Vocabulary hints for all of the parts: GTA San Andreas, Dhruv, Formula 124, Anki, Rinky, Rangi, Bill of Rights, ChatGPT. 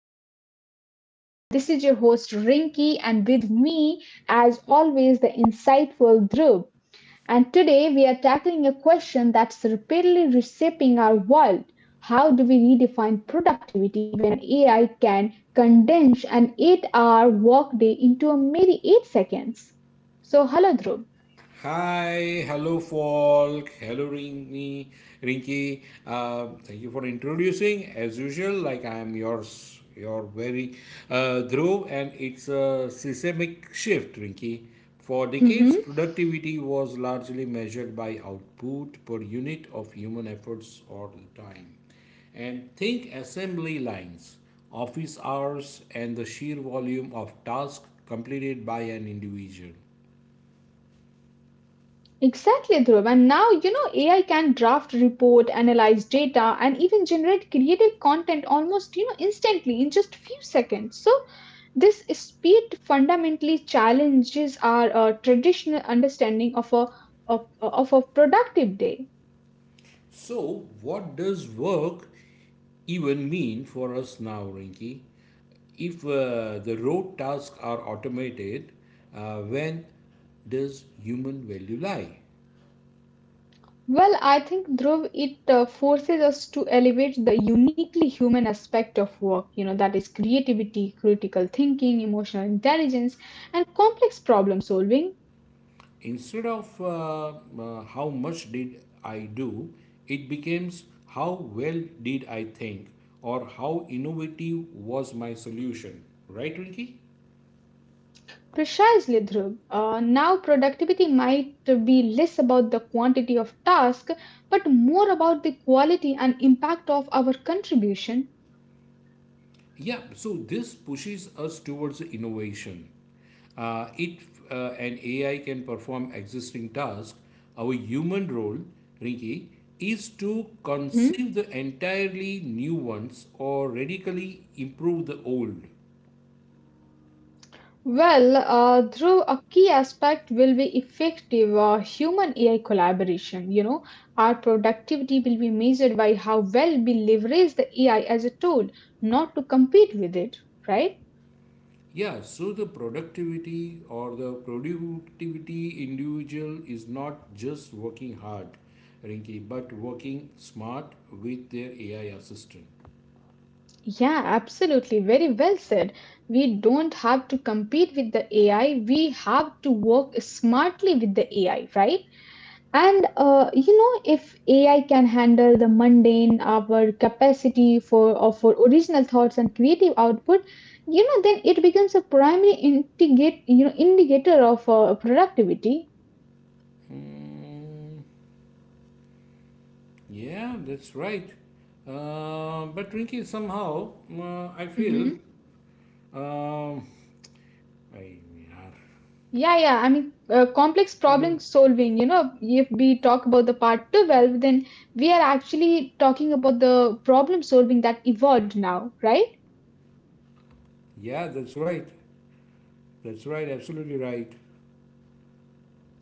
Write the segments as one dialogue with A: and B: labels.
A: everyone. And this is your host, Rinky, and with me, as always, the insightful Dhruv. And today, we are tackling a question that's repeatedly reshaping our world. How do we redefine productivity when an AI can condense an 8 hour workday into a mere 8 seconds? So, hello, Dhruv.
B: Hi, hello Falk, hello Rinky. Thank you for introducing. As usual, like I am your very Dhruv, and it's a systemic shift, Rinky. For decades, productivity was largely measured by output per unit of human efforts or time. And think assembly lines, office hours, and the sheer volume of tasks completed by an individual.
A: Exactly, Dhruv. And now, AI can draft report, analyze data, and even generate creative content almost, instantly in just few seconds. So this speed fundamentally challenges our traditional understanding of a of a productive day.
B: So, what does work even mean for us now, Rinki? If the road tasks are automated, when does human value lie?
A: Well, I think, Dhruv, it forces us to elevate the uniquely human aspect of work, you know, that is creativity, critical thinking, emotional intelligence, and complex problem solving.
B: Instead of how much did I do, it becomes how well did I think or how innovative was my solution. Right, Rinki?
A: Precisely, Dhruv. Now, productivity might be less about the quantity of task, but more about the quality and impact of our contribution.
B: Yeah, so this pushes us towards the innovation. It An AI can perform existing tasks. Our human role, Rinki, is to
A: Mhm.
B: conceive the entirely new ones or radically improve the old.
A: Well, Dhruv, a key aspect will be effective human AI collaboration. You know, our productivity will be measured by how well we leverage the AI as a tool, not to compete with it, right?
B: Yeah, so the productivity or the productivity individual is not just working hard, Rinki, but working smart with their AI assistant.
A: Yeah, absolutely. Very well said. We don't have to compete with the AI. We have to work smartly with the AI, right? And you know, if AI can handle the mundane, our capacity for or for original thoughts and creative output, then it becomes a primary integrate, you know, indicator of productivity.
B: Hmm. Yeah, that's right. But Rinky, somehow I feel,
A: Mhm.
B: um, I,
A: Yeah. I mean, complex
B: I
A: problem
B: mean,
A: solving. You know, if we talk about the part 12, then we are actually talking about the problem solving that evolved now, right?
B: yeah, that's right. That's right. Absolutely right.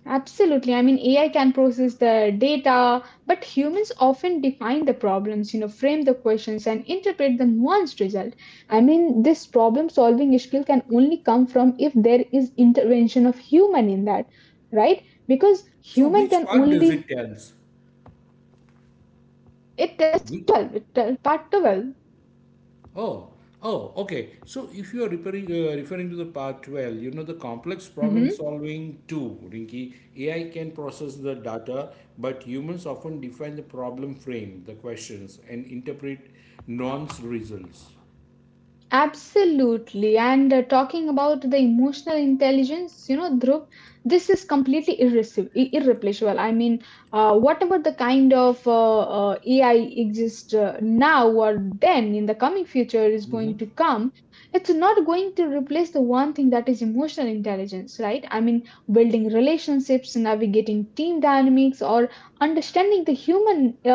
A: Absolutely. I mean, AI can process the data, but humans often define the problems, you know, frame the questions and interpret the nuanced result. I mean, this problem solving skill can only come from if there is intervention of human in that, right? Because
B: So
A: human
B: which
A: can
B: part does it
A: only,
B: tells?
A: it
B: Which,
A: 12, it- part 12.
B: oh, oh, okay. So if you are referring to the part 12, you know the complex
A: Mhm.
B: problem solving too, Rinky. AI can process the data, but humans often define the problem frame, the questions, and interpret nonce results.
A: Absolutely. And talking about the emotional intelligence, you know, Dhruv, this is completely irreplaceable. I mean, whatever the kind of AI exists now or then in the coming future is going to come, it's not going to replace the one thing that is emotional intelligence, right? I mean, building relationships, navigating team dynamics, or understanding the human, uh,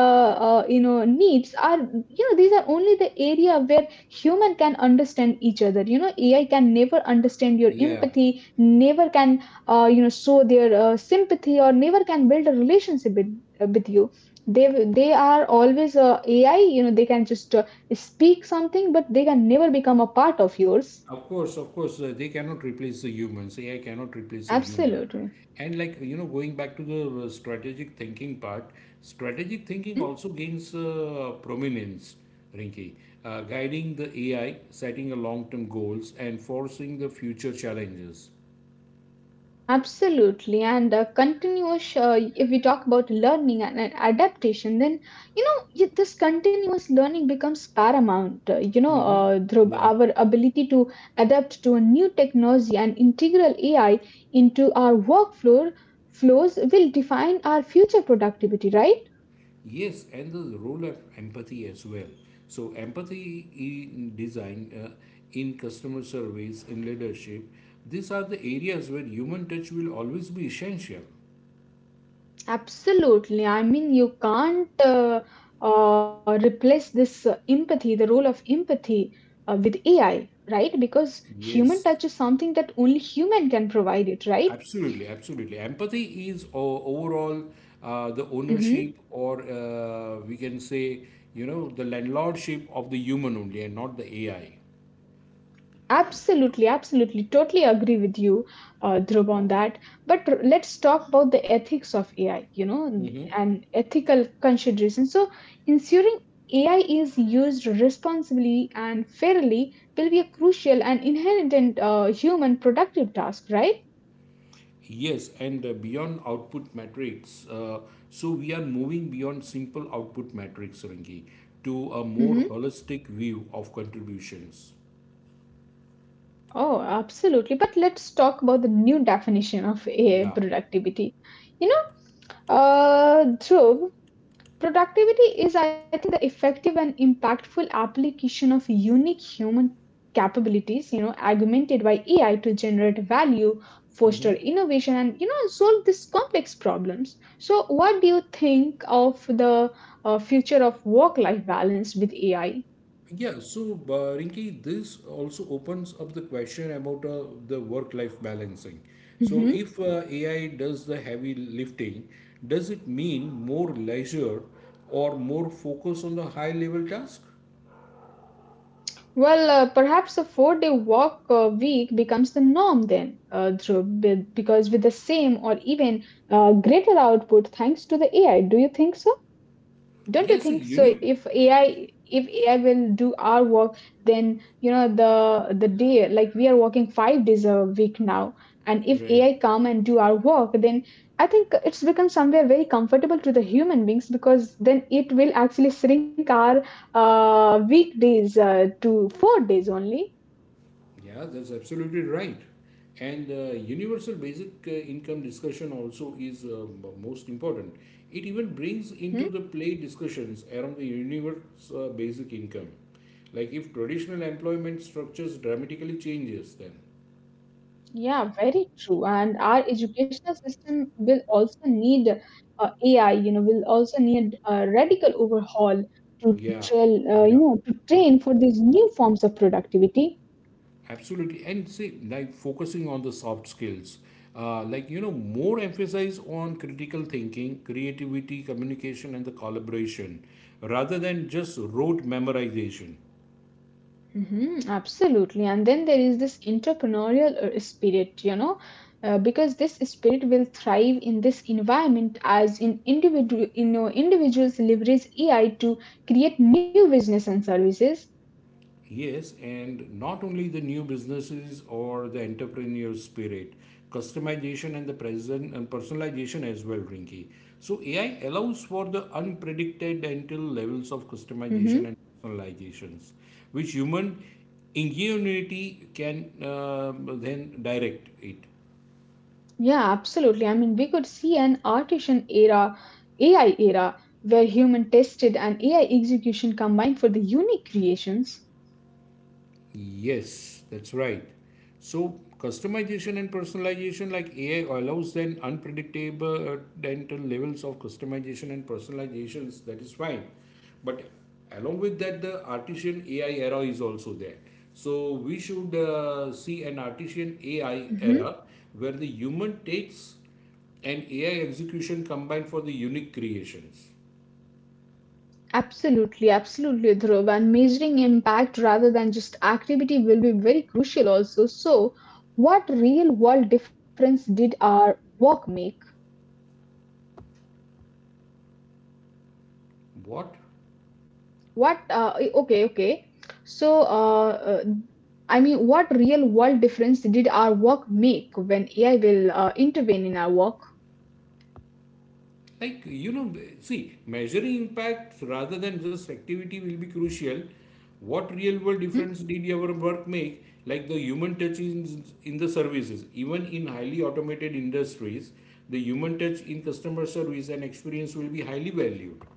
A: uh, you know, needs are, you know, these are only the area where human can understand each other. AI can never understand your
B: Yeah,
A: empathy, never can you know, show their sympathy, or never can build a relationship with you. They they are always AI, you know. They can just speak something, but they can never become a part of yours.
B: of course, they cannot replace the humans. AI cannot replace the human.
A: Absolutely.
B: And like, you know, going back to the strategic thinking part, strategic thinking
A: Mhm.
B: also gains prominence, Rinki, guiding the AI, setting a long-term goals, and forcing the future challenges.
A: Absolutely, and continuous. If we talk about learning and adaptation, then you know, this continuous learning becomes paramount. You know,
B: Mm-hmm.
A: through
B: Yeah.
A: our ability to adapt to a new technology and integral AI into our workflow flows will define our future productivity. Right?
B: Yes, and the role of empathy as well. So, empathy in design, in customer service, in leadership, these are the areas where human touch will always be essential.
A: Absolutely. I mean, you can't replace this empathy, the role of empathy, with AI, right? Because human
B: Yes,
A: touch is something that only human can provide it, right?
B: absolutely, absolutely. Empathy is overall the
A: Mm-hmm.
B: ownership, or we can say, you know, the landlordship of the human only and not the AI.
A: Absolutely, absolutely. Totally agree with you, Dhruv, on that. But let's talk about the ethics of AI, you know, and ethical considerations. So, ensuring AI is used responsibly and fairly will be a crucial and inherent human productive task, right?
B: Yes, and beyond output metrics, so we are moving beyond simple output metrics, Rangi, to a more
A: Hmm.
B: holistic view of contributions.
A: Oh, absolutely. But let's talk about the new definition of AI
B: Yeah.
A: productivity. You Dhruv, productivity is, I think, the effective and impactful application of unique human capabilities, you know, augmented by AI to generate value,
B: Mm-hmm.
A: foster innovation, and, you know, solve these complex problems. So, what do you think of the future of work life balance with AI?
B: Yeah, so Rinki, this also opens up the question about the work-life balancing. So
A: Hmm.
B: if AI does the heavy lifting, does it mean more leisure or more focus on the high-level task?
A: Well, perhaps a 4 day work week becomes the norm then, because with the same or even greater output thanks to the AI. Do you think so? Don't you
B: Yes,
A: think so?
B: you
A: If AI will do our work, then you know, the day, like we are working 5 days a week now, and if
B: right.
A: AI come and do our work, then I think it's become somewhere very comfortable to the human beings, because then it will actually shrink our weekdays to 4 days only.
B: Yeah, that's absolutely right. And universal basic income discussion also is most important. It even brings into the play discussions around the universal basic income. Like if traditional employment structures dramatically changes, then
A: Yeah, very true. And our educational system will also need AI, you know, will also need a radical overhaul to
B: yeah,
A: train,
B: yeah,
A: to train for these new forms of productivity.
B: absolutely. And see, like focusing on the soft skills, like you know, more emphasis on critical thinking, creativity, communication, and the collaboration, rather than just rote memorization.
A: Hmm, absolutely. And then there is this entrepreneurial spirit, you know, because this spirit will thrive in this environment as in individual, you know, individuals leverage AI to create new business and services.
B: Yes, and not only the new businesses or the entrepreneurial spirit, customization and the present and personalization as well, Rinky. So AI allows for the unpredicted until levels of
A: Hmm.
B: customization and personalizations, which human ingenuity can then direct it.
A: Yeah, absolutely. I mean, we could see an artisan era, AI era, where human tested and AI execution combined for the unique creations.
B: Yes, that's right. So customization and personalization, like AI allows then unpredictable dental levels of customization and personalizations, that is fine. But along with that, the artisan AI era is also there. So we should see an artisan AI
A: Mm-hmm.
B: era where the human takes and AI execution combined for the unique creations.
A: Absolutely, absolutely, Dhruv. And measuring impact rather than just activity will be very crucial also. So, what real world difference did our work make?
B: What?
A: Okay, okay. So, uh, uh, I mean, what real world difference did our work make when AI will intervene in our work?
B: Like, you know, see, measuring impact rather than just activity will be crucial. What real world
A: Mhm.
B: difference did your work make? Like the human touch in the services, even in highly automated industries, the human touch in customer service and experience will be highly valued.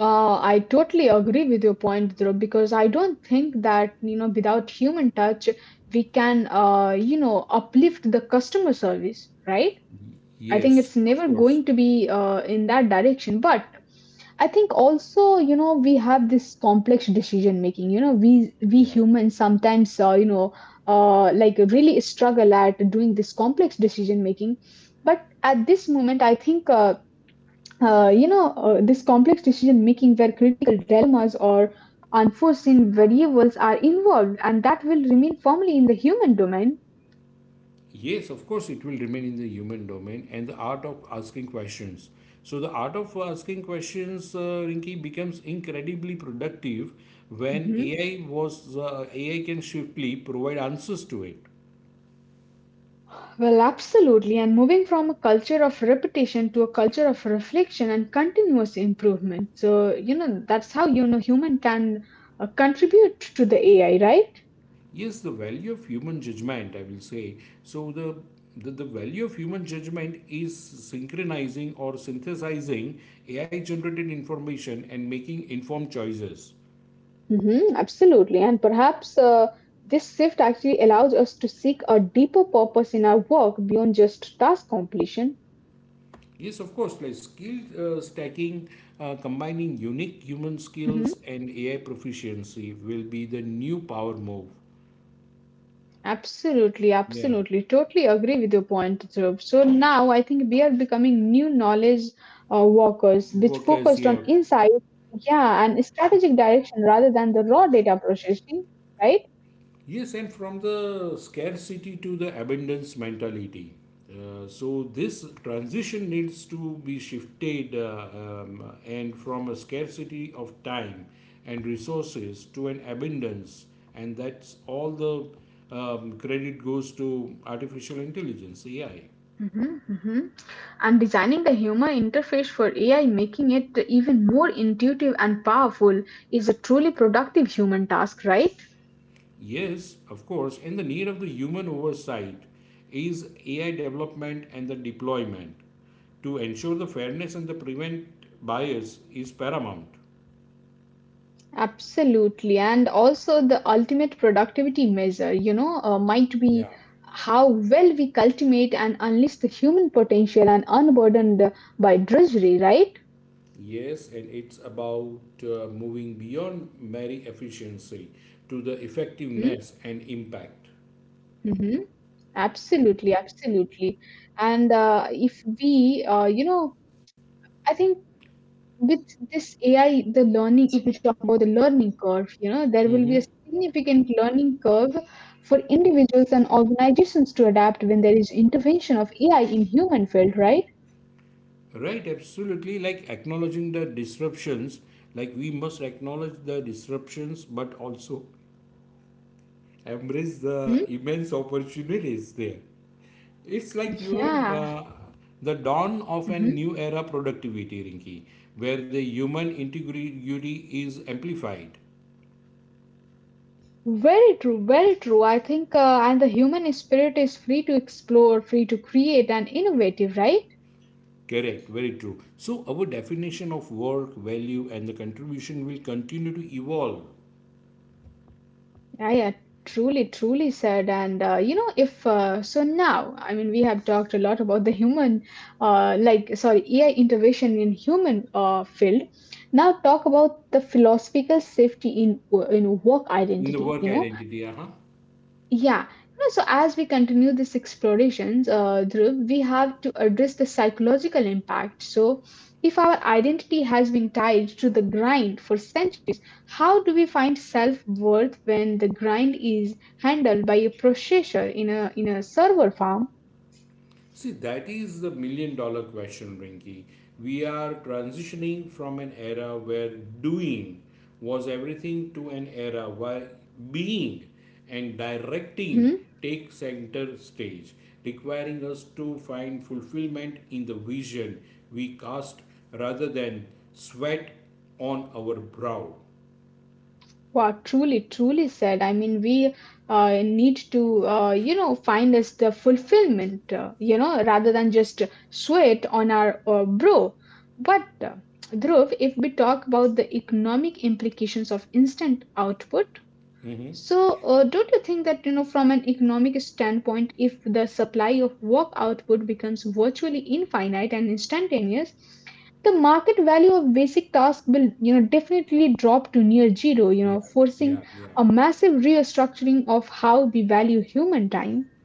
A: I totally agree with your point, Dhruv, because I don't think that, you know, without human touch, we can, uplift the customer service, right? I think
B: Yes,
A: it's
B: of
A: never
B: course.
A: going to be in that direction. But I think also, you know, we have this complex decision making. You know, we
B: Yeah.
A: humans sometimes, like really struggle at doing this complex decision making. But at this moment, I think, this complex decision making where critical dilemmas or unforeseen variables are involved, and that will remain firmly in the human domain.
B: Yes, of course, it will remain in the human domain, and the art of asking questions. So, the art of asking questions, Rinki, becomes incredibly productive when AI can swiftly provide answers to it.
A: Well, absolutely. And moving from a culture of repetition to a culture of reflection and continuous improvement. So, you know, that's how, you know, human can contribute to the AI, right?
B: Yes, the value of human judgment, I will say. So, the value of human judgment is synchronizing or synthesizing AI generated information and making informed choices.
A: Hmm, absolutely. And perhaps this shift actually allows us to seek a deeper purpose in our work beyond just task completion.
B: Yes, of course, like skill stacking, combining unique human skills
A: Mhm.
B: and AI proficiency will be the new power move.
A: Absolutely,
B: Yeah,
A: absolutely. Totally agree with your point, Dhruv. So now I think we are becoming new knowledge workers, which
B: workers,
A: focused
B: yeah.
A: on insight, yeah, and strategic direction rather than the raw data processing, right?
B: Yes, and from the scarcity to the abundance mentality. So this transition needs to be shifted and from a scarcity of time and resources to an abundance, and that's all the credit goes to artificial intelligence, AI.
A: Mhm, mhm. And designing the human interface for AI, making it even more intuitive and powerful, is a truly productive human task, right?
B: Yes, of course, and the need of the human oversight is AI development and the deployment to ensure the fairness and the prevent bias is paramount.
A: Absolutely. And also, the ultimate productivity measure, you know, might be
B: Yeah.
A: how well we cultivate and unleash the human potential and unburdened by drudgery, right?
B: Yes, and it's about moving beyond mere efficiency to the
A: Mm-hmm.
B: effectiveness and impact.
A: Mm-hmm. Absolutely. Absolutely. And if we, you know, I think with this AI, the learning, if we talk about the learning curve, you know, there will
B: Mm-hmm.
A: be a significant learning curve for individuals and organizations to adapt when there is intervention of AI in human field, right?
B: Right, absolutely. Like acknowledging the disruptions, like we must acknowledge the disruptions, but also embrace the
A: Mm-hmm.
B: immense opportunities there. It's like, you know,
A: Yeah,
B: the dawn of a
A: mhm.
B: new era productivity, Rinki, where the human integrity is amplified.
A: Very true, very true. I think, and the human spirit is free to explore, free to create, and innovative, right?
B: Correct, very true. So, our definition of work, value, and the contribution will continue to evolve
A: Yeah, yeah, truly, truly said. And you know, if So now, I mean, we have talked a lot about the human, like, sorry, AI intervention in human field. Now talk about the philosophical safety in work
B: in the
A: identity. You
B: work
A: know.
B: identity. Uh-huh.
A: Yeah. You know, so as we continue this explorations, Dhruv, we have to address the psychological impact. So if our identity has been tied to the grind for centuries, how do we find self-worth when the grind is handled by a processor in a server farm?
B: See, that is the million dollar question, Rinki. We are transitioning from an era where doing was everything to an era where being and directing
A: Mm-hmm.
B: take center stage, requiring us to find fulfillment in the vision we cast rather than sweat on our brow.
A: Wow, truly, truly said. I mean, we need to, find us the fulfillment, rather than just sweat on our bro. But Dhruv, if we talk about the economic implications of instant output,
B: Hmm.
A: so, don't you think that, you know, from an economic standpoint, if the supply of work output becomes virtually infinite and instantaneous, the market value of basic tasks will, you know, definitely drop to near zero, you
B: Yeah,
A: know,
B: yeah,
A: forcing
B: yeah.
A: a massive restructuring of how we value human time.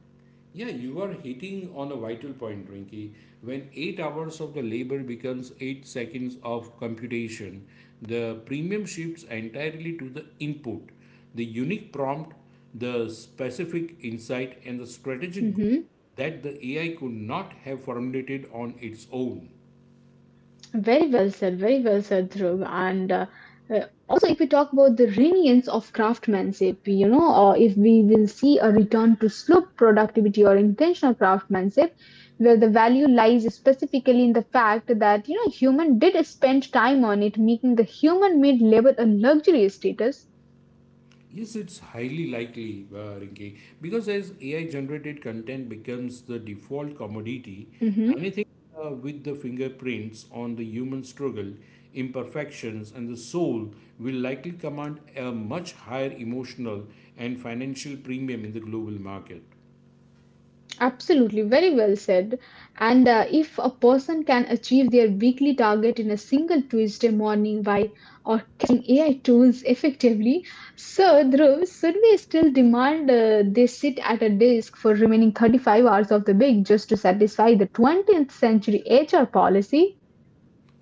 B: Yeah, you are hitting on a vital point, Rinky. When 8 hours of the labor becomes 8 seconds of computation, the premium shifts entirely to the input, the unique prompt, the specific insight, and the strategic goal
A: Mhm.
B: that the AI could not have formulated on its own.
A: Very well said, Dhruv. And also, if we talk about the reliance of craftsmanship, you know, or if we will see a return to slow productivity or intentional craftsmanship, where the value lies specifically in the fact that, you know, human did spend time on it, making the human made labor a luxury status.
B: Yes, it's highly likely, Rinki, because as AI generated content becomes the default commodity,
A: Mm-hmm.
B: anything with the fingerprints on the human struggle, imperfections, and the soul will likely command a much higher emotional and financial premium in the global market.
A: Absolutely, very well said. And if a person can achieve their weekly target in a single Tuesday morning by orchestrating AI tools effectively, so Dhruv, should we still demand they sit at a desk for remaining 35 hours of the week just to satisfy the 20th century HR policy?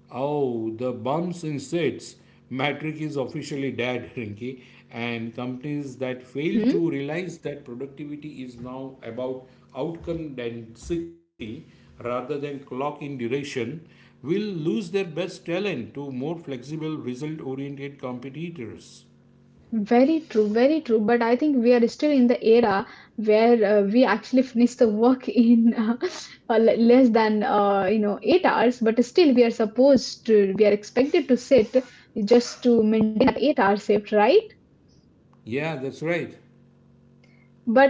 B: Oh, the bumps in seats. Matric is officially dead, Rinky, and companies that fail to
A: Mhm.
B: realize that productivity is now about outcome density rather than clock in duration will lose their best talent to more flexible, result oriented competitors.
A: Very true, very true. But I think we are still in the era where we actually finish the work in le- less than you know 8 hours. But still, we are expected to sit just to maintain that 8 hour shift, right?
B: Yeah, that's right.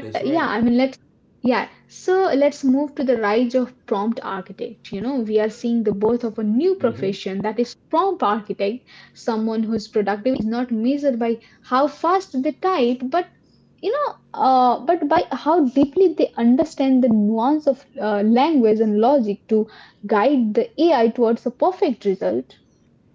B: That's right.
A: yeah, I mean, let's yeah. So let's move to the rise of prompt architect. You know, we are seeing the birth of a new profession, that is prompt architect, someone whose productivity is not measured by how fast they type, but you know, but by how deeply they understand the nuance of language and logic to guide the AI towards a perfect result.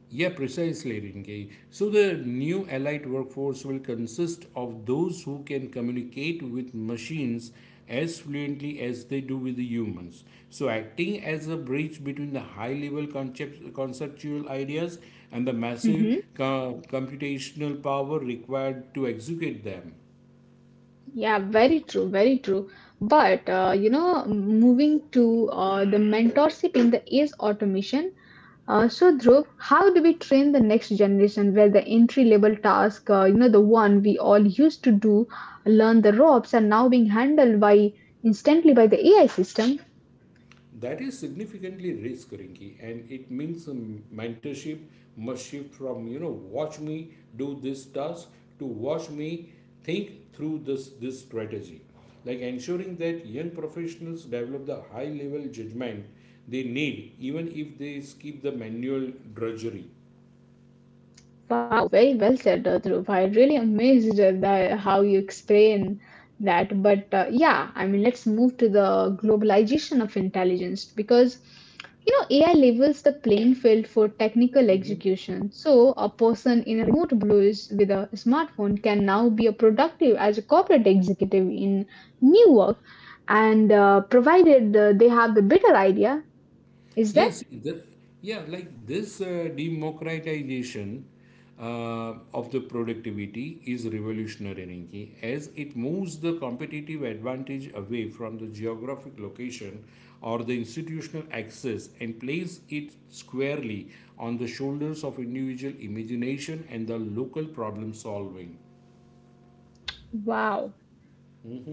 B: Yeah, precisely, Rinke. So the new allied workforce will consist of those who can communicate with machines as fluently as they do with the humans. So acting as a bridge between the conceptual ideas and the massive computational power required to execute them.
A: Yeah, very true, very true. But You know, moving to the mentorship in the age automation. So, Dhruv, how do we train the next generation where the entry level task, you know, the one we all used to do, learn the ropes, are now being handled by instantly by the AI system?
B: That is significantly risk, Rinky, and it means mentorship must shift from, you know, watch me do this task to watch me think through this strategy, like ensuring that young professionals develop the high level judgment they need even if they skip the manual drudgery.
A: Wow, very well said, Dhruv. I really amazed at the, how you explain that. But yeah, I mean, Let's move to the globalization of intelligence because you know AI levels the playing field for technical execution. So a person in a remote place with a smartphone can now be a productive as a corporate executive in New York, and provided they have the better idea, is that
B: Yes, this, yeah, like this democratization of the productivity is revolutionary, Rinki, as it moves the competitive advantage away from the geographic location or the institutional access, and places it squarely on the shoulders of individual imagination and the local problem solving.
A: wow?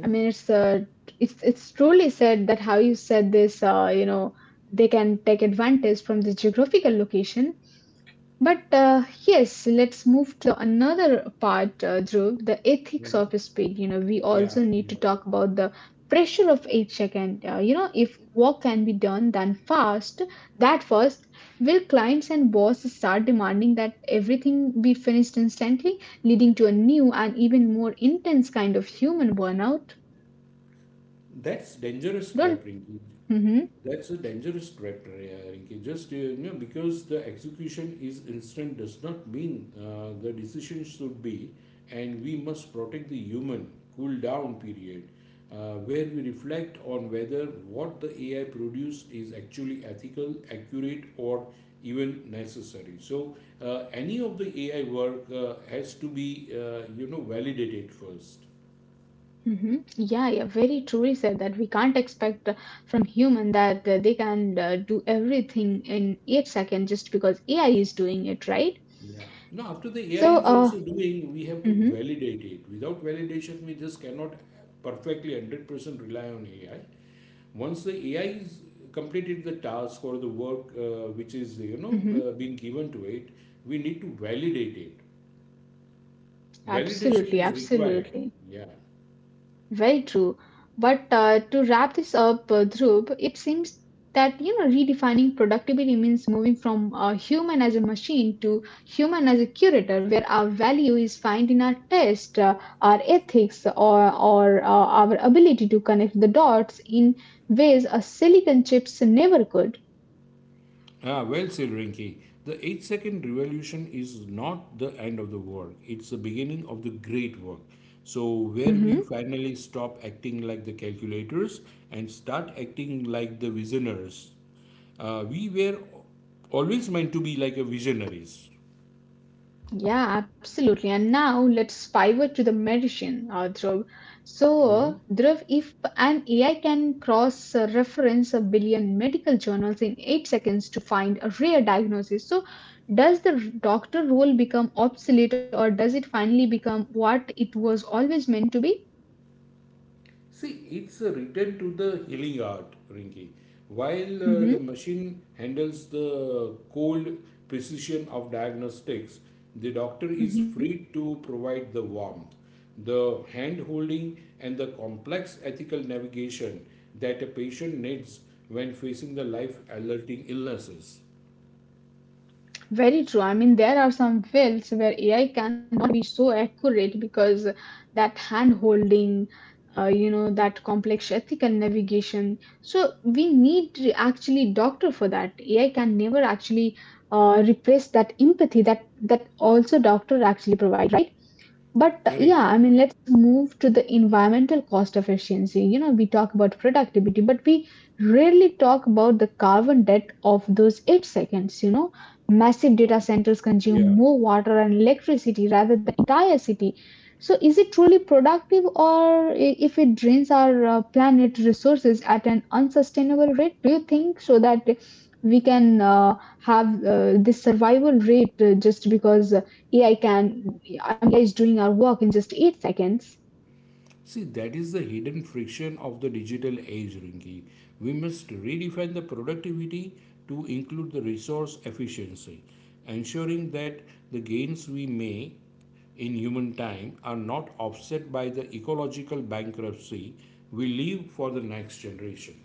A: I mean, it's truly said that how you said this. You know, they can take advantage from the geographical location. But Yes, let's move to the another part, Dhruv, the
B: Mhm.
A: ethics of speed. You know, we
B: Yeah,
A: also need to
B: yeah.
A: talk about the pressure of each second. You know, if work can be done then fast, that first, will clients and bosses start demanding that everything be finished instantly, leading to a new and even more intense kind of human burnout?
B: That's dangerous
A: Don't.
B: trap, Rinky.
A: Mm-hmm,
B: That's a dangerous trap, Rinky. Just you know, because the execution is instant does not mean the decision should be, and we must protect the human cool down period, where we reflect on whether what the AI produced is actually ethical, accurate, or even necessary. So any of the AI work has to be, you know, validated first.
A: mm-hmm. Yeah, yeah, very truly said that we can't expect from human that they can do everything in 8 seconds just because AI is doing it, right?
B: Yeah. Now, after the AI
A: So,
B: is
A: uh,
B: also doing, we have to
A: mm-hmm,
B: validate it. Without validation, we just cannot perfectly 100% rely on AI. Once the AI is completed the task or the work which is, you know,
A: mm-hmm.
B: being given to it, we need to validate it. Validation
A: Absolutely,
B: is required.
A: absolutely.
B: Yeah.
A: Very true. But To wrap this up, Dhruv, it seems that you know redefining productivity means moving from human as a machine to human as a curator, where our value is found in our taste, our ethics, or our ability to connect the dots in ways a silicon chips never could.
B: Ah, well said, Rinki. The 8-second revolution is not the end of the work, it's the beginning of the great work. So, where we
A: Mhm.
B: finally stop acting like the calculators and start acting like the visionaries. We were always meant to be like a visionaries.
A: Yeah, absolutely. And now let's pivot to the medicine, Dhruv. Dhruv, if an AI can cross reference a billion medical journals in 8 seconds to find a rare diagnosis, so does the doctor role become obsolete, or does it finally become what it was always meant to be?
B: See, it's a return to the healing art, Rinki. While the
A: Mhm.
B: machine handles the cold precision of diagnostics, the doctor is free to provide the warmth, the hand holding, and the complex ethical navigation that a patient needs when facing the life alerting illnesses.
A: Very true. I mean, there are some fields where AI cannot be so accurate because that hand holding, you know, that complex ethical navigation. So we need to actually doctor for that. AI can never actually replace that empathy that also doctor actually provides. But
B: Correct.
A: yeah, I mean, Let's move to the environmental cost efficiency. You know, we talk about productivity, but we rarely talk about the carbon debt of those 8 seconds. You know, massive data
B: Hmm.
A: centers consume
B: Yeah.
A: more water and electricity rather than entire city. So, is it truly productive, if it drains our planet resources at an unsustainable rate? Do you think so that we can have this survival rate just because AI can realize doing our work in just 8 seconds.
B: See, that is the hidden friction of the digital age, Rinki. We must redefine the productivity to include the resource efficiency, ensuring that the gains we make in human time are not offset by the ecological bankruptcy we leave for the next generation.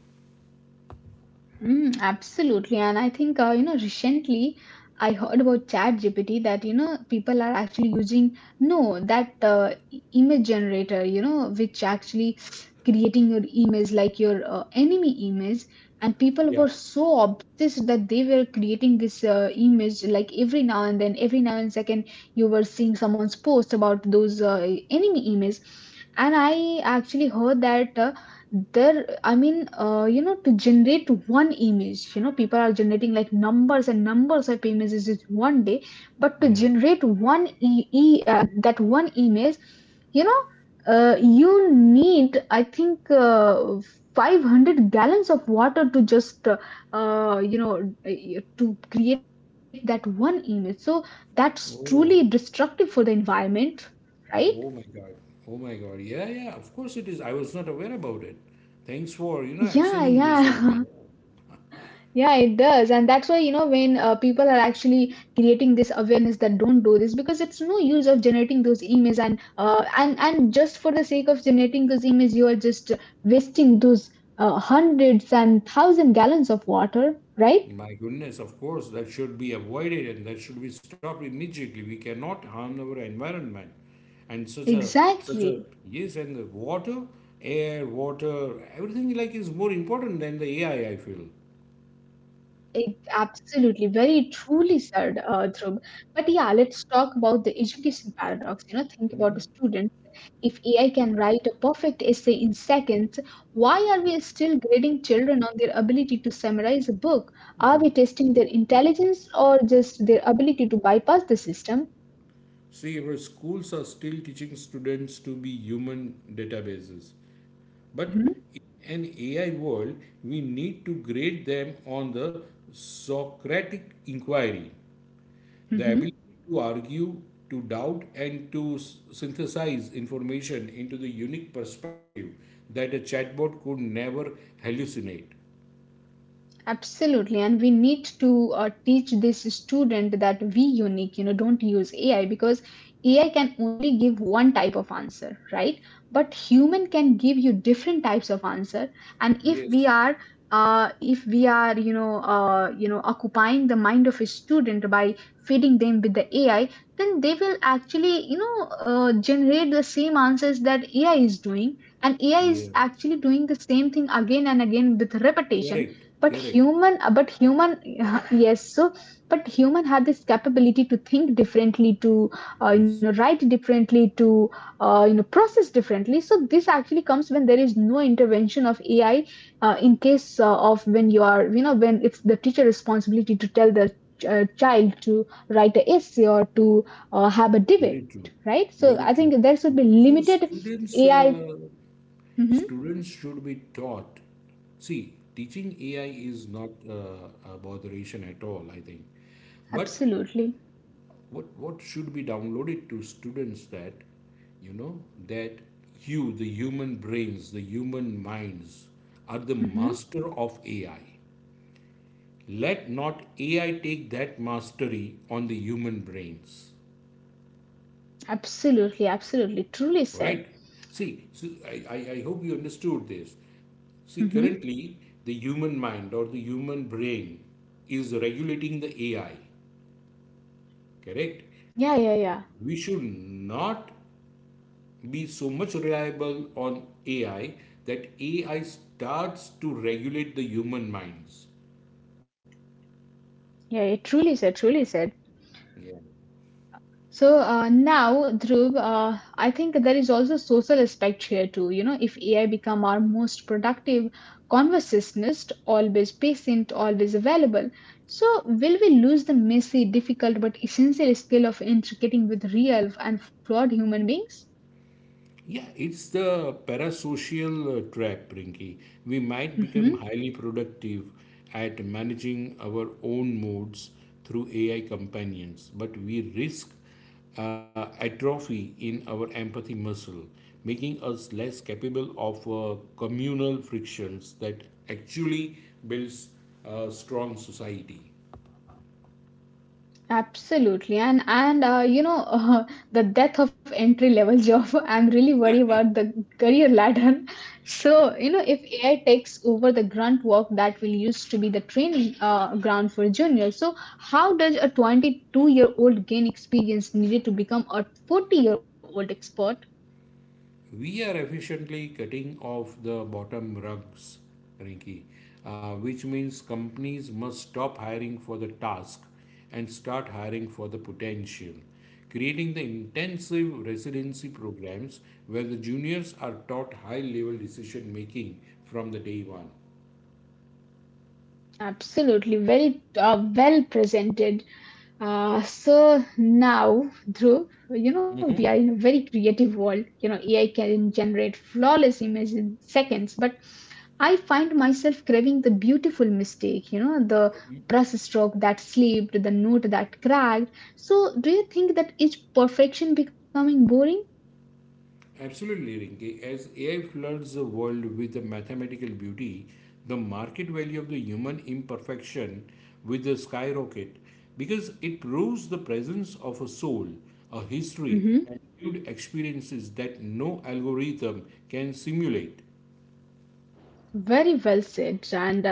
A: Mm, absolutely. And I think, you know, recently I heard about ChatGPT that, you know, people are actually using, no, that image generator, you know, which actually creating your image like your enemy image. And people were
B: Yeah,
A: so obsessed that they were creating this image like every now and then, every now and second, you were seeing someone's post about those enemy image. And I actually heard that. There I mean You know, to generate one image, you know, people are generating like numbers and numbers of images is one day, but to
B: yeah.
A: generate one e, e that one image, you know, you need I think 500 gallons of water to just you know, to create that one image. So that's truly
B: Oh,
A: destructive for the environment, right?
B: oh my God. Oh my God. Yeah, yeah. Of course it is. I was not aware about it. Thanks for, you know,
A: Yeah,
B: exchanging this with
A: yeah.
B: me.
A: Yeah, it does. And that's why, you know, when people are actually creating this awareness that don't do this because it's no use of generating those emails, and just for the sake of generating those emails, you are just wasting those hundreds and thousand gallons of water, right?
B: My goodness, of course, that should be avoided and that should be stopped immediately. We cannot harm our environment. And such a such a
A: Exactly.
B: yes, and the water, air, water, everything like is more important than the AI, I feel.
A: It, absolutely, very truly said, Dhruv. But yeah, let's talk about the education paradox. You know, think about the students. If AI can write a perfect essay in seconds, why are we still grading children on their ability to summarize a book? Are we testing their intelligence or just their ability to bypass the system?
B: See, our schools are still teaching students to be human databases. But
A: Hmm.
B: in an AI world, we need to grade them on the Socratic inquiry. The ability
A: Mhm.
B: to argue, to doubt, and to synthesize information into the unique perspective that a chatbot could never hallucinate.
A: Absolutely, and we need to teach this student that we unique, you know, don't use AI because AI can only give one type of answer, right? But human can give you different types of answer, and
B: Yes,
A: if we are, you know, occupying the mind of a student by feeding them with the AI, then they will actually, you know, generate the same answers that AI is doing, and AI
B: yeah,
A: is actually doing the same thing again and again with repetition,
B: correct, correct.
A: but human yes. So but human had this capability to think differently, to you
B: Yes,
A: know, write differently, to you know, process differently. So this actually comes when there is no intervention of AI, in case of when you are, you know, when it's the teacher responsibility to tell the child to write a essay or to have a
B: very
A: debate,
B: true,
A: right? So I
B: very
A: think
B: true.
A: there should be
B: So
A: limited
B: students,
A: AI.
B: uh,
A: Mhm.
B: students should be taught. See, teaching AI is not a botheration at all, I think, but
A: Absolutely.
B: what should be downloaded to students, that, you know, that you, the human brains, the human minds, are the
A: Mhm.
B: master of AI. Let not AI take that mastery on the human brains,
A: Absolutely, absolutely, truly said.
B: right? See, so I hope you understood this. See,
A: Mm-hmm.
B: currently the human mind or the human brain is regulating the AI, correct?
A: Yeah, yeah, yeah.
B: We should not be so much reliable on AI that AI starts to regulate the human minds.
A: Yeah, it truly said, truly said.
B: Yeah.
A: So, now, Dhruv, I think there is also social aspect here too. You know, if AI become our most productive conversationalist, always patient, always available, so will we lose the messy, difficult, but essential skill of intricating with real and flawed human beings?
B: Yeah, it's the parasocial trap, Rinky. We might become
A: Mm-hmm.
B: highly productive at managing our own moods through AI companions, but we risk atrophy in our empathy muscle, making us less capable of communal frictions that actually builds a strong society.
A: Absolutely. And you know, the death of entry level job. I'm really worried about the career ladder. So you know if AI takes over the grunt work that will used to be the training ground for juniors, so how does a 22-year-old gain experience needed to become a 40-year-old expert?
B: We are efficiently cutting off the bottom rungs, Rinki, which means companies must stop hiring for the task and start hiring for the potential, creating the intensive residency programs where the juniors are taught high level decision making from the day one.
A: Absolutely, very well presented. So now, Dhruv, you know, we
B: Mhm.
A: are in a very creative world. You know, AI can generate flawless images in seconds, but I find myself craving the beautiful mistake, you know, the brush stroke that slipped, the note that cracked. So, do you think that is perfection becoming boring?
B: Absolutely, Rinki. As AI floods the world with the mathematical beauty, the market value of the human imperfection with a skyrocket because it proves the presence of a soul, a history, and lived experiences that no algorithm can simulate.
A: Very well said. And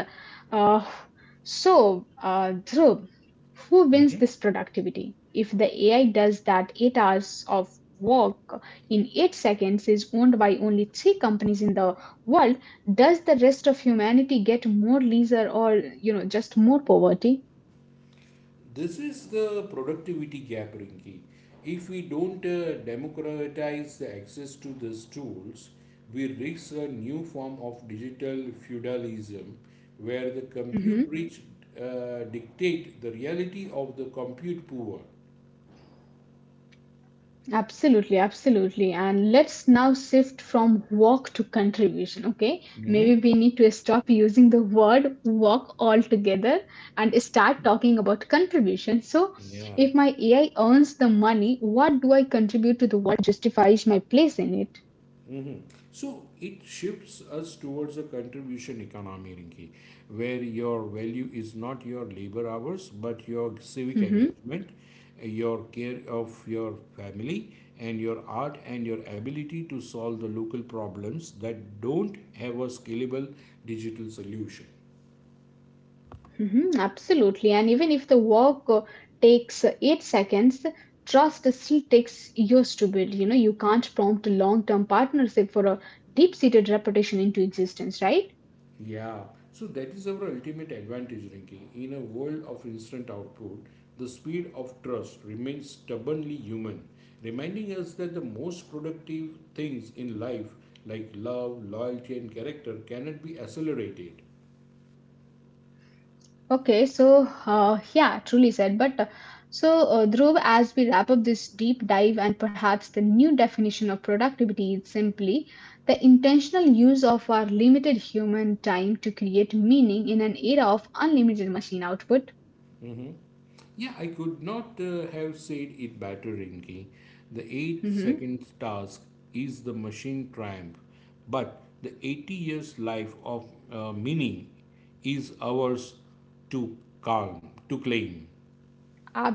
A: uh, Dhruv, who wins this productivity? If the AI does that 8 hours of work in 8 seconds is owned by only three companies in the world, does the rest of humanity get more leisure, or you know just more poverty?
B: This is the productivity gap, Rinki. If we don't democratize the access to these tools, we risk a new form of digital feudalism where the
A: Mm-hmm.
B: compute rich dictate the reality of the compute poor.
A: Absolutely, absolutely. And let's now shift from work to contribution, okay? Maybe
B: Mhm.
A: we need to stop using the word work altogether and start talking about contribution. So,
B: Yeah.
A: if my AI earns the money, what do I contribute to the world that justifies my place in it?
B: Mm-hmm. So it shifts us towards a contribution economy, Rinki, where your value is not your labor hours, but your civic
A: Hmm.
B: engagement, your care of your family, and your art and your ability to solve the local problems that don't have a scalable digital solution.
A: Hmm. Absolutely. And even if the work takes 8 seconds, trust still takes years to build. You know, you can't prompt a long term partnership for a deep seated reputation into existence, right?
B: Yeah, so that is our ultimate advantage, Rinki. In a world of instant output, the speed of trust remains stubbornly human, reminding us that the most productive things in life, like love, loyalty, and character, cannot be accelerated.
A: Okay, so yeah, truly said. But Dhruv, as we wrap up this deep dive, and perhaps the new definition of productivity is simply the intentional use of our limited human time to create meaning in an era of unlimited machine output.
B: Yeah, I could not have said it better, Rinki. The 8
A: Hmm.
B: seconds task is the machine triumph, but the 80 years life of meaning is ours to claim.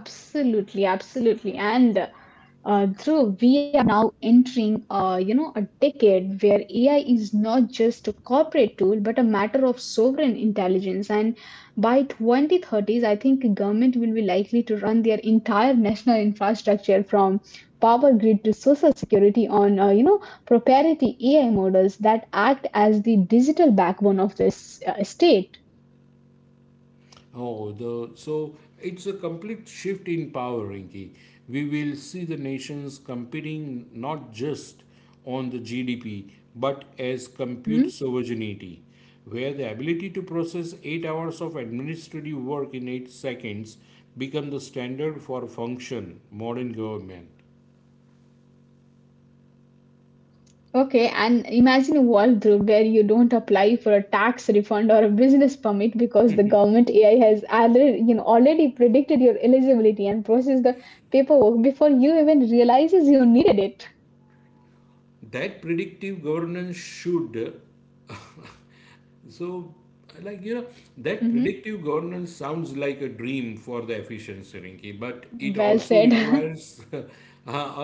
A: Absolutely, absolutely. And Dhruv, we are now entering, you know, a decade where AI is not just a corporate tool, but a matter of sovereign intelligence. And by 2030s, I think government will be likely to run their entire national infrastructure from power grid to social security on, you know, proprietary AI models that act as the digital backbone of this state.
B: Oh, the so it's a complete shift in power, Rinki. We will see the nations competing not just on the GDP but as compute
A: Mm-hmm.
B: sovereignty, where the ability to process 8 hours of administrative work in 8 seconds become the standard for function modern government.
A: Okay, and imagine a world through where you don't apply for a tax refund or a business permit because the government AI has already, already predicted your eligibility and processed the paperwork before you even realizes you needed it.
B: That predictive governance should So, like, that
A: Hmm.
B: predictive governance sounds like a dream for the efficiency, Rinki, but it
A: Well
B: also
A: said.
B: requires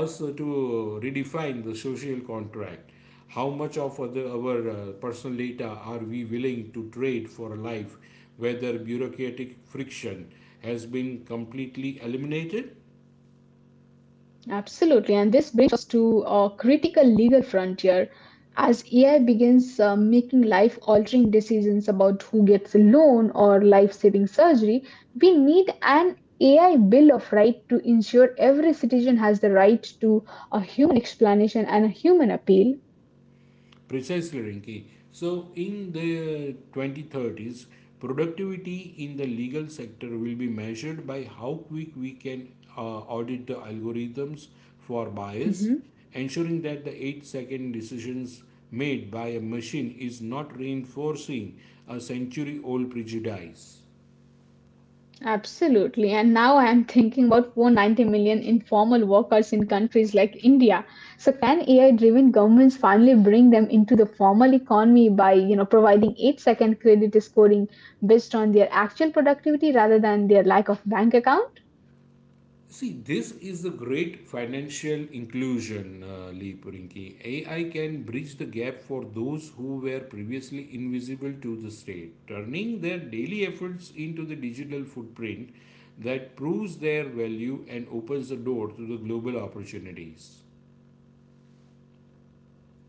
B: us to redefine the social contract. How much of our personal data are we willing to trade for a life whether bureaucratic friction has been completely eliminated?
A: Absolutely. And this brings us to a critical legal frontier as AI begins making life altering decisions about who gets a loan or life saving surgery. We need an AI Bill of Right to ensure every citizen has the right to a human explanation and a human appeal.
B: Precisely, Rinki. So, in the 2030s, productivity in the legal sector will be measured by how quick we can audit the algorithms for bias,
A: Mm-hmm.
B: ensuring that the 8-second decisions made by a machine is not reinforcing a century old prejudice.
A: Absolutely. And now I'm thinking about 490 million informal workers in countries like India. So can AI-driven governments finally bring them into the formal economy by, providing 8-second credit scoring based on their actual productivity rather than their lack of bank account?
B: See, this is a great financial inclusion leap, Rinki. AI can bridge the gap for those who were previously invisible to the state, turning their daily efforts into the digital footprint that proves their value and opens the door to the global opportunities.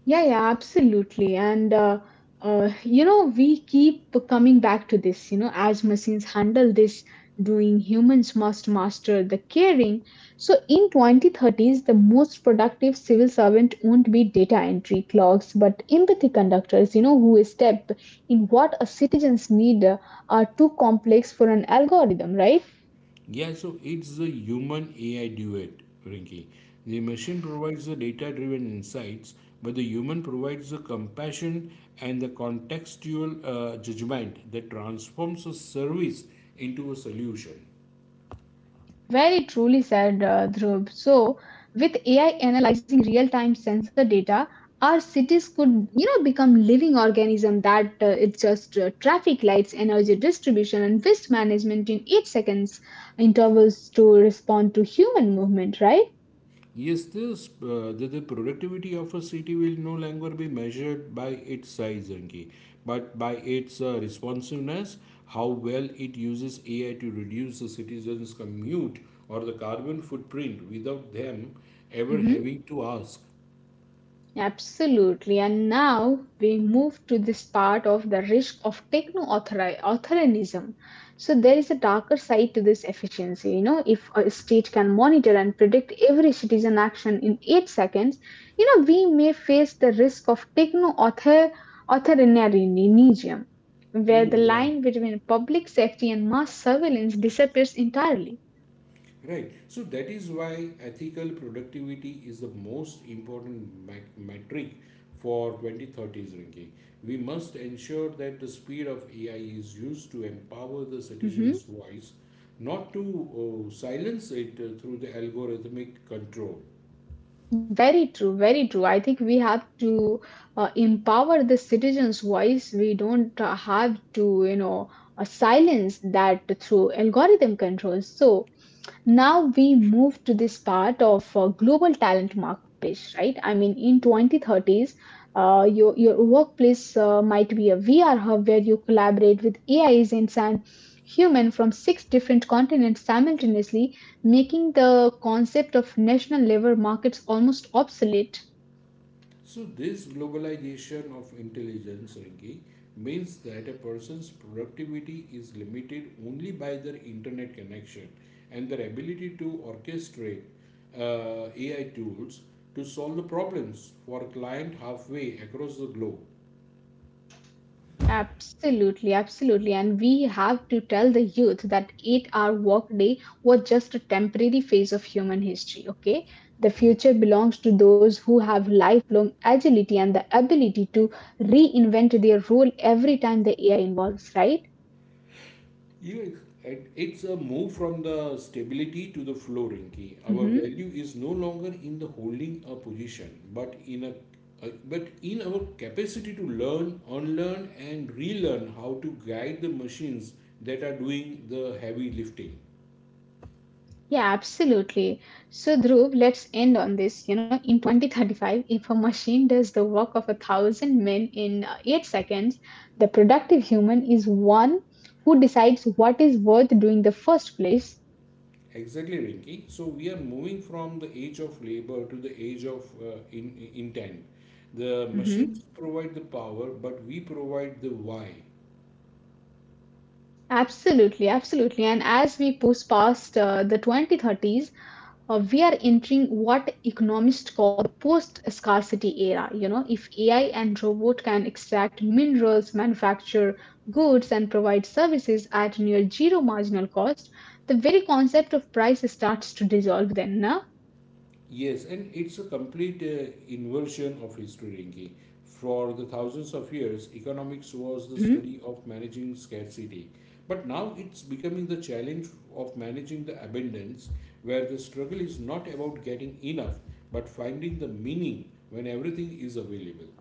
A: Yeah, yeah, absolutely. We keep coming back to this. You know, as machines handle this doing, humans must master the caring. So, in 2030s, the most productive civil servant won't be data entry clerks, but empathy conductors. You know, who step in what a citizens need are too complex for an algorithm, right?
B: Yeah, so it's the human AI duet, Rinky. The machine provides the data driven insights, but the human provides the compassion and the contextual judgment that transforms a service into a solution.
A: Very truly said Dhruv. So, with AI analyzing real-time sensor data, our cities could, become living organism that it's just traffic lights, energy distribution, and waste management in 8 seconds intervals to respond to human movement, right?
B: Yes, the productivity of a city will no longer be measured by its size, Anki, but by its responsiveness, how well it uses AI to reduce the citizens' commute or the carbon footprint without them ever
A: Hmm.
B: having to ask.
A: Absolutely. And now we move to this part of the risk of techno authorism. So there is a darker side to this efficiency. You know, if a state can monitor and predict every citizen action in 8 seconds, we may face the risk of techno authoritarianism, where the
B: Hmm, yeah.
A: line between public safety and mass surveillance disappears entirely.
B: Right. So that is why ethical productivity is the most important metric for 2030s, Rinki. We must ensure that the speed of AI is used to empower the
A: Mm-hmm.
B: citizen's voice, not to silence it through the algorithmic control.
A: Very true, very true. I think we have to empower the citizens' voice. We don't have to, silence that through algorithm controls. So, now we move to this part of global talent marketplace, right? I mean, in 2030s, your workplace might be a VR hub where you collaborate with AI agents and human from six different continents simultaneously, making the concept of national labor markets almost obsolete.
B: So this globalization of intelligence, Rinki, means that a person's productivity is limited only by their internet connection and their ability to orchestrate AI tools to solve the problems for a client halfway across the globe.
A: Absolutely, absolutely. And we have to tell the youth that 8 hour workday was just a temporary phase of human history, okay? The
B: Yeah.
A: future belongs to those who have lifelong agility and the ability to reinvent their role every time the AI involves, right?
B: Yeah, it's a move from the stability to the flow, Rinki. Our
A: Mhm.
B: value is no longer in the holding a position, but in our capacity to learn, unlearn, and relearn how to guide the machines that are doing the heavy lifting.
A: Yeah, absolutely. So, Dhruv, let's end on this. You know, in
B: Yeah.
A: 2035, if a machine does the work of a thousand men in 8 seconds, the productive human is one who decides what is worth doing the first place.
B: Exactly, Rinki. So we are moving from the age of labor to the age of intent. The
A: Mhm.
B: machines provide the power, but we provide the why.
A: Absolutely, absolutely. And as we push past the 2030s, we are entering what economists call the post scarcity era. You know, if AI and robot can extract minerals, manufacture goods and provide services at near zero marginal cost, the very concept of price starts to dissolve then, no?
B: Yes, and it's a complete inversion of history, Rinki. For the thousands of years, economics was the
A: Mhm.
B: study of managing scarcity. But now it's becoming the challenge of managing the abundance, where the struggle is not about getting enough, but finding the meaning when everything is available.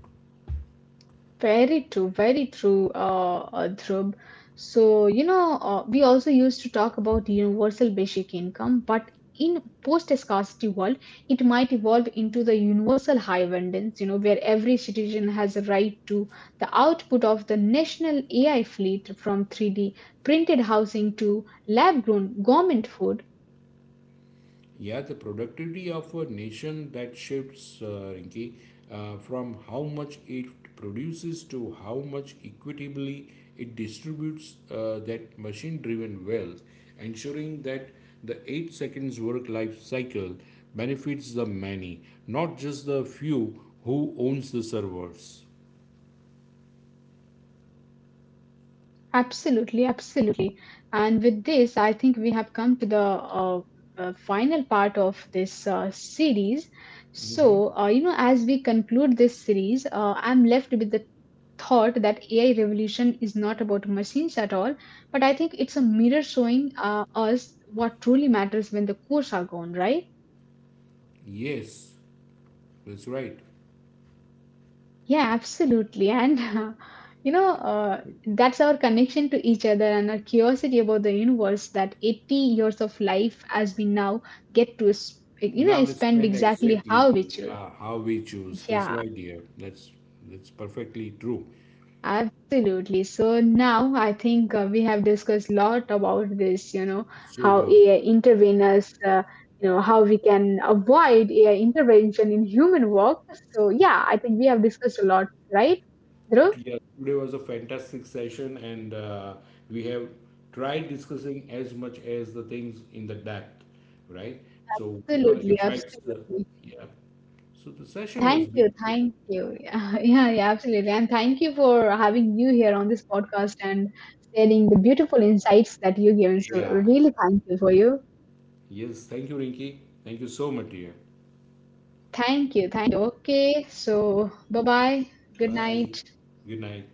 A: Very true, Dhruv. So, we also used to talk about universal basic income, but in post-scarcity world, it might evolve into the universal high abundance, where every citizen has a right to the output of the national AI fleet, from 3D printed housing to lab-grown government food.
B: Yeah, the productivity of a nation that shifts, Rinki, from how much it produces to how much equitably it distributes that machine driven wealth, ensuring that the 8 seconds work life cycle benefits the many, not just the few who owns the servers.
A: Absolutely, absolutely. And with this, I think we have come to the final part of this series.
B: Mm-hmm.
A: So, you know, as we conclude this series, I'm left with the thought that AI revolution is not about machines at all, but I think it's a mirror showing us what truly matters when the cores are gone, right?
B: Yes, that's right.
A: Yeah, absolutely. And, that's our connection to each other and our curiosity about the universe, that 80 years of life as we now get to, you
B: Now
A: know,
B: let's
A: spend
B: plan
A: exactly how we
B: exactly,
A: choose.
B: yeah, how we choose. That's
A: Yeah,
B: right, dear. That's perfectly true.
A: absolutely. So now I think we have discussed a lot about this, you know, how
B: Super.
A: AI intervenes, how we can avoid AI intervention in human work. So yeah, I think we have discussed a lot, right? Dhruv?
B: Yeah, today was a fantastic session, and we have tried discussing as much as the things in the depth, right? So, what all
A: Absolutely,
B: effects?
A: absolutely.
B: Yeah. So the session was
A: Thank you,
B: beautiful.
A: thank you. Yeah, yeah, yeah, absolutely. And thank you for having you here on this podcast and sharing the beautiful insights that you given. So
B: Yeah.
A: really thank you for you.
B: Yes. Thank you, Rinky. Thank you so much, dear.
A: Thank you, thank you. Okay, so bye bye. Good
B: Bye.
A: night.
B: Good night.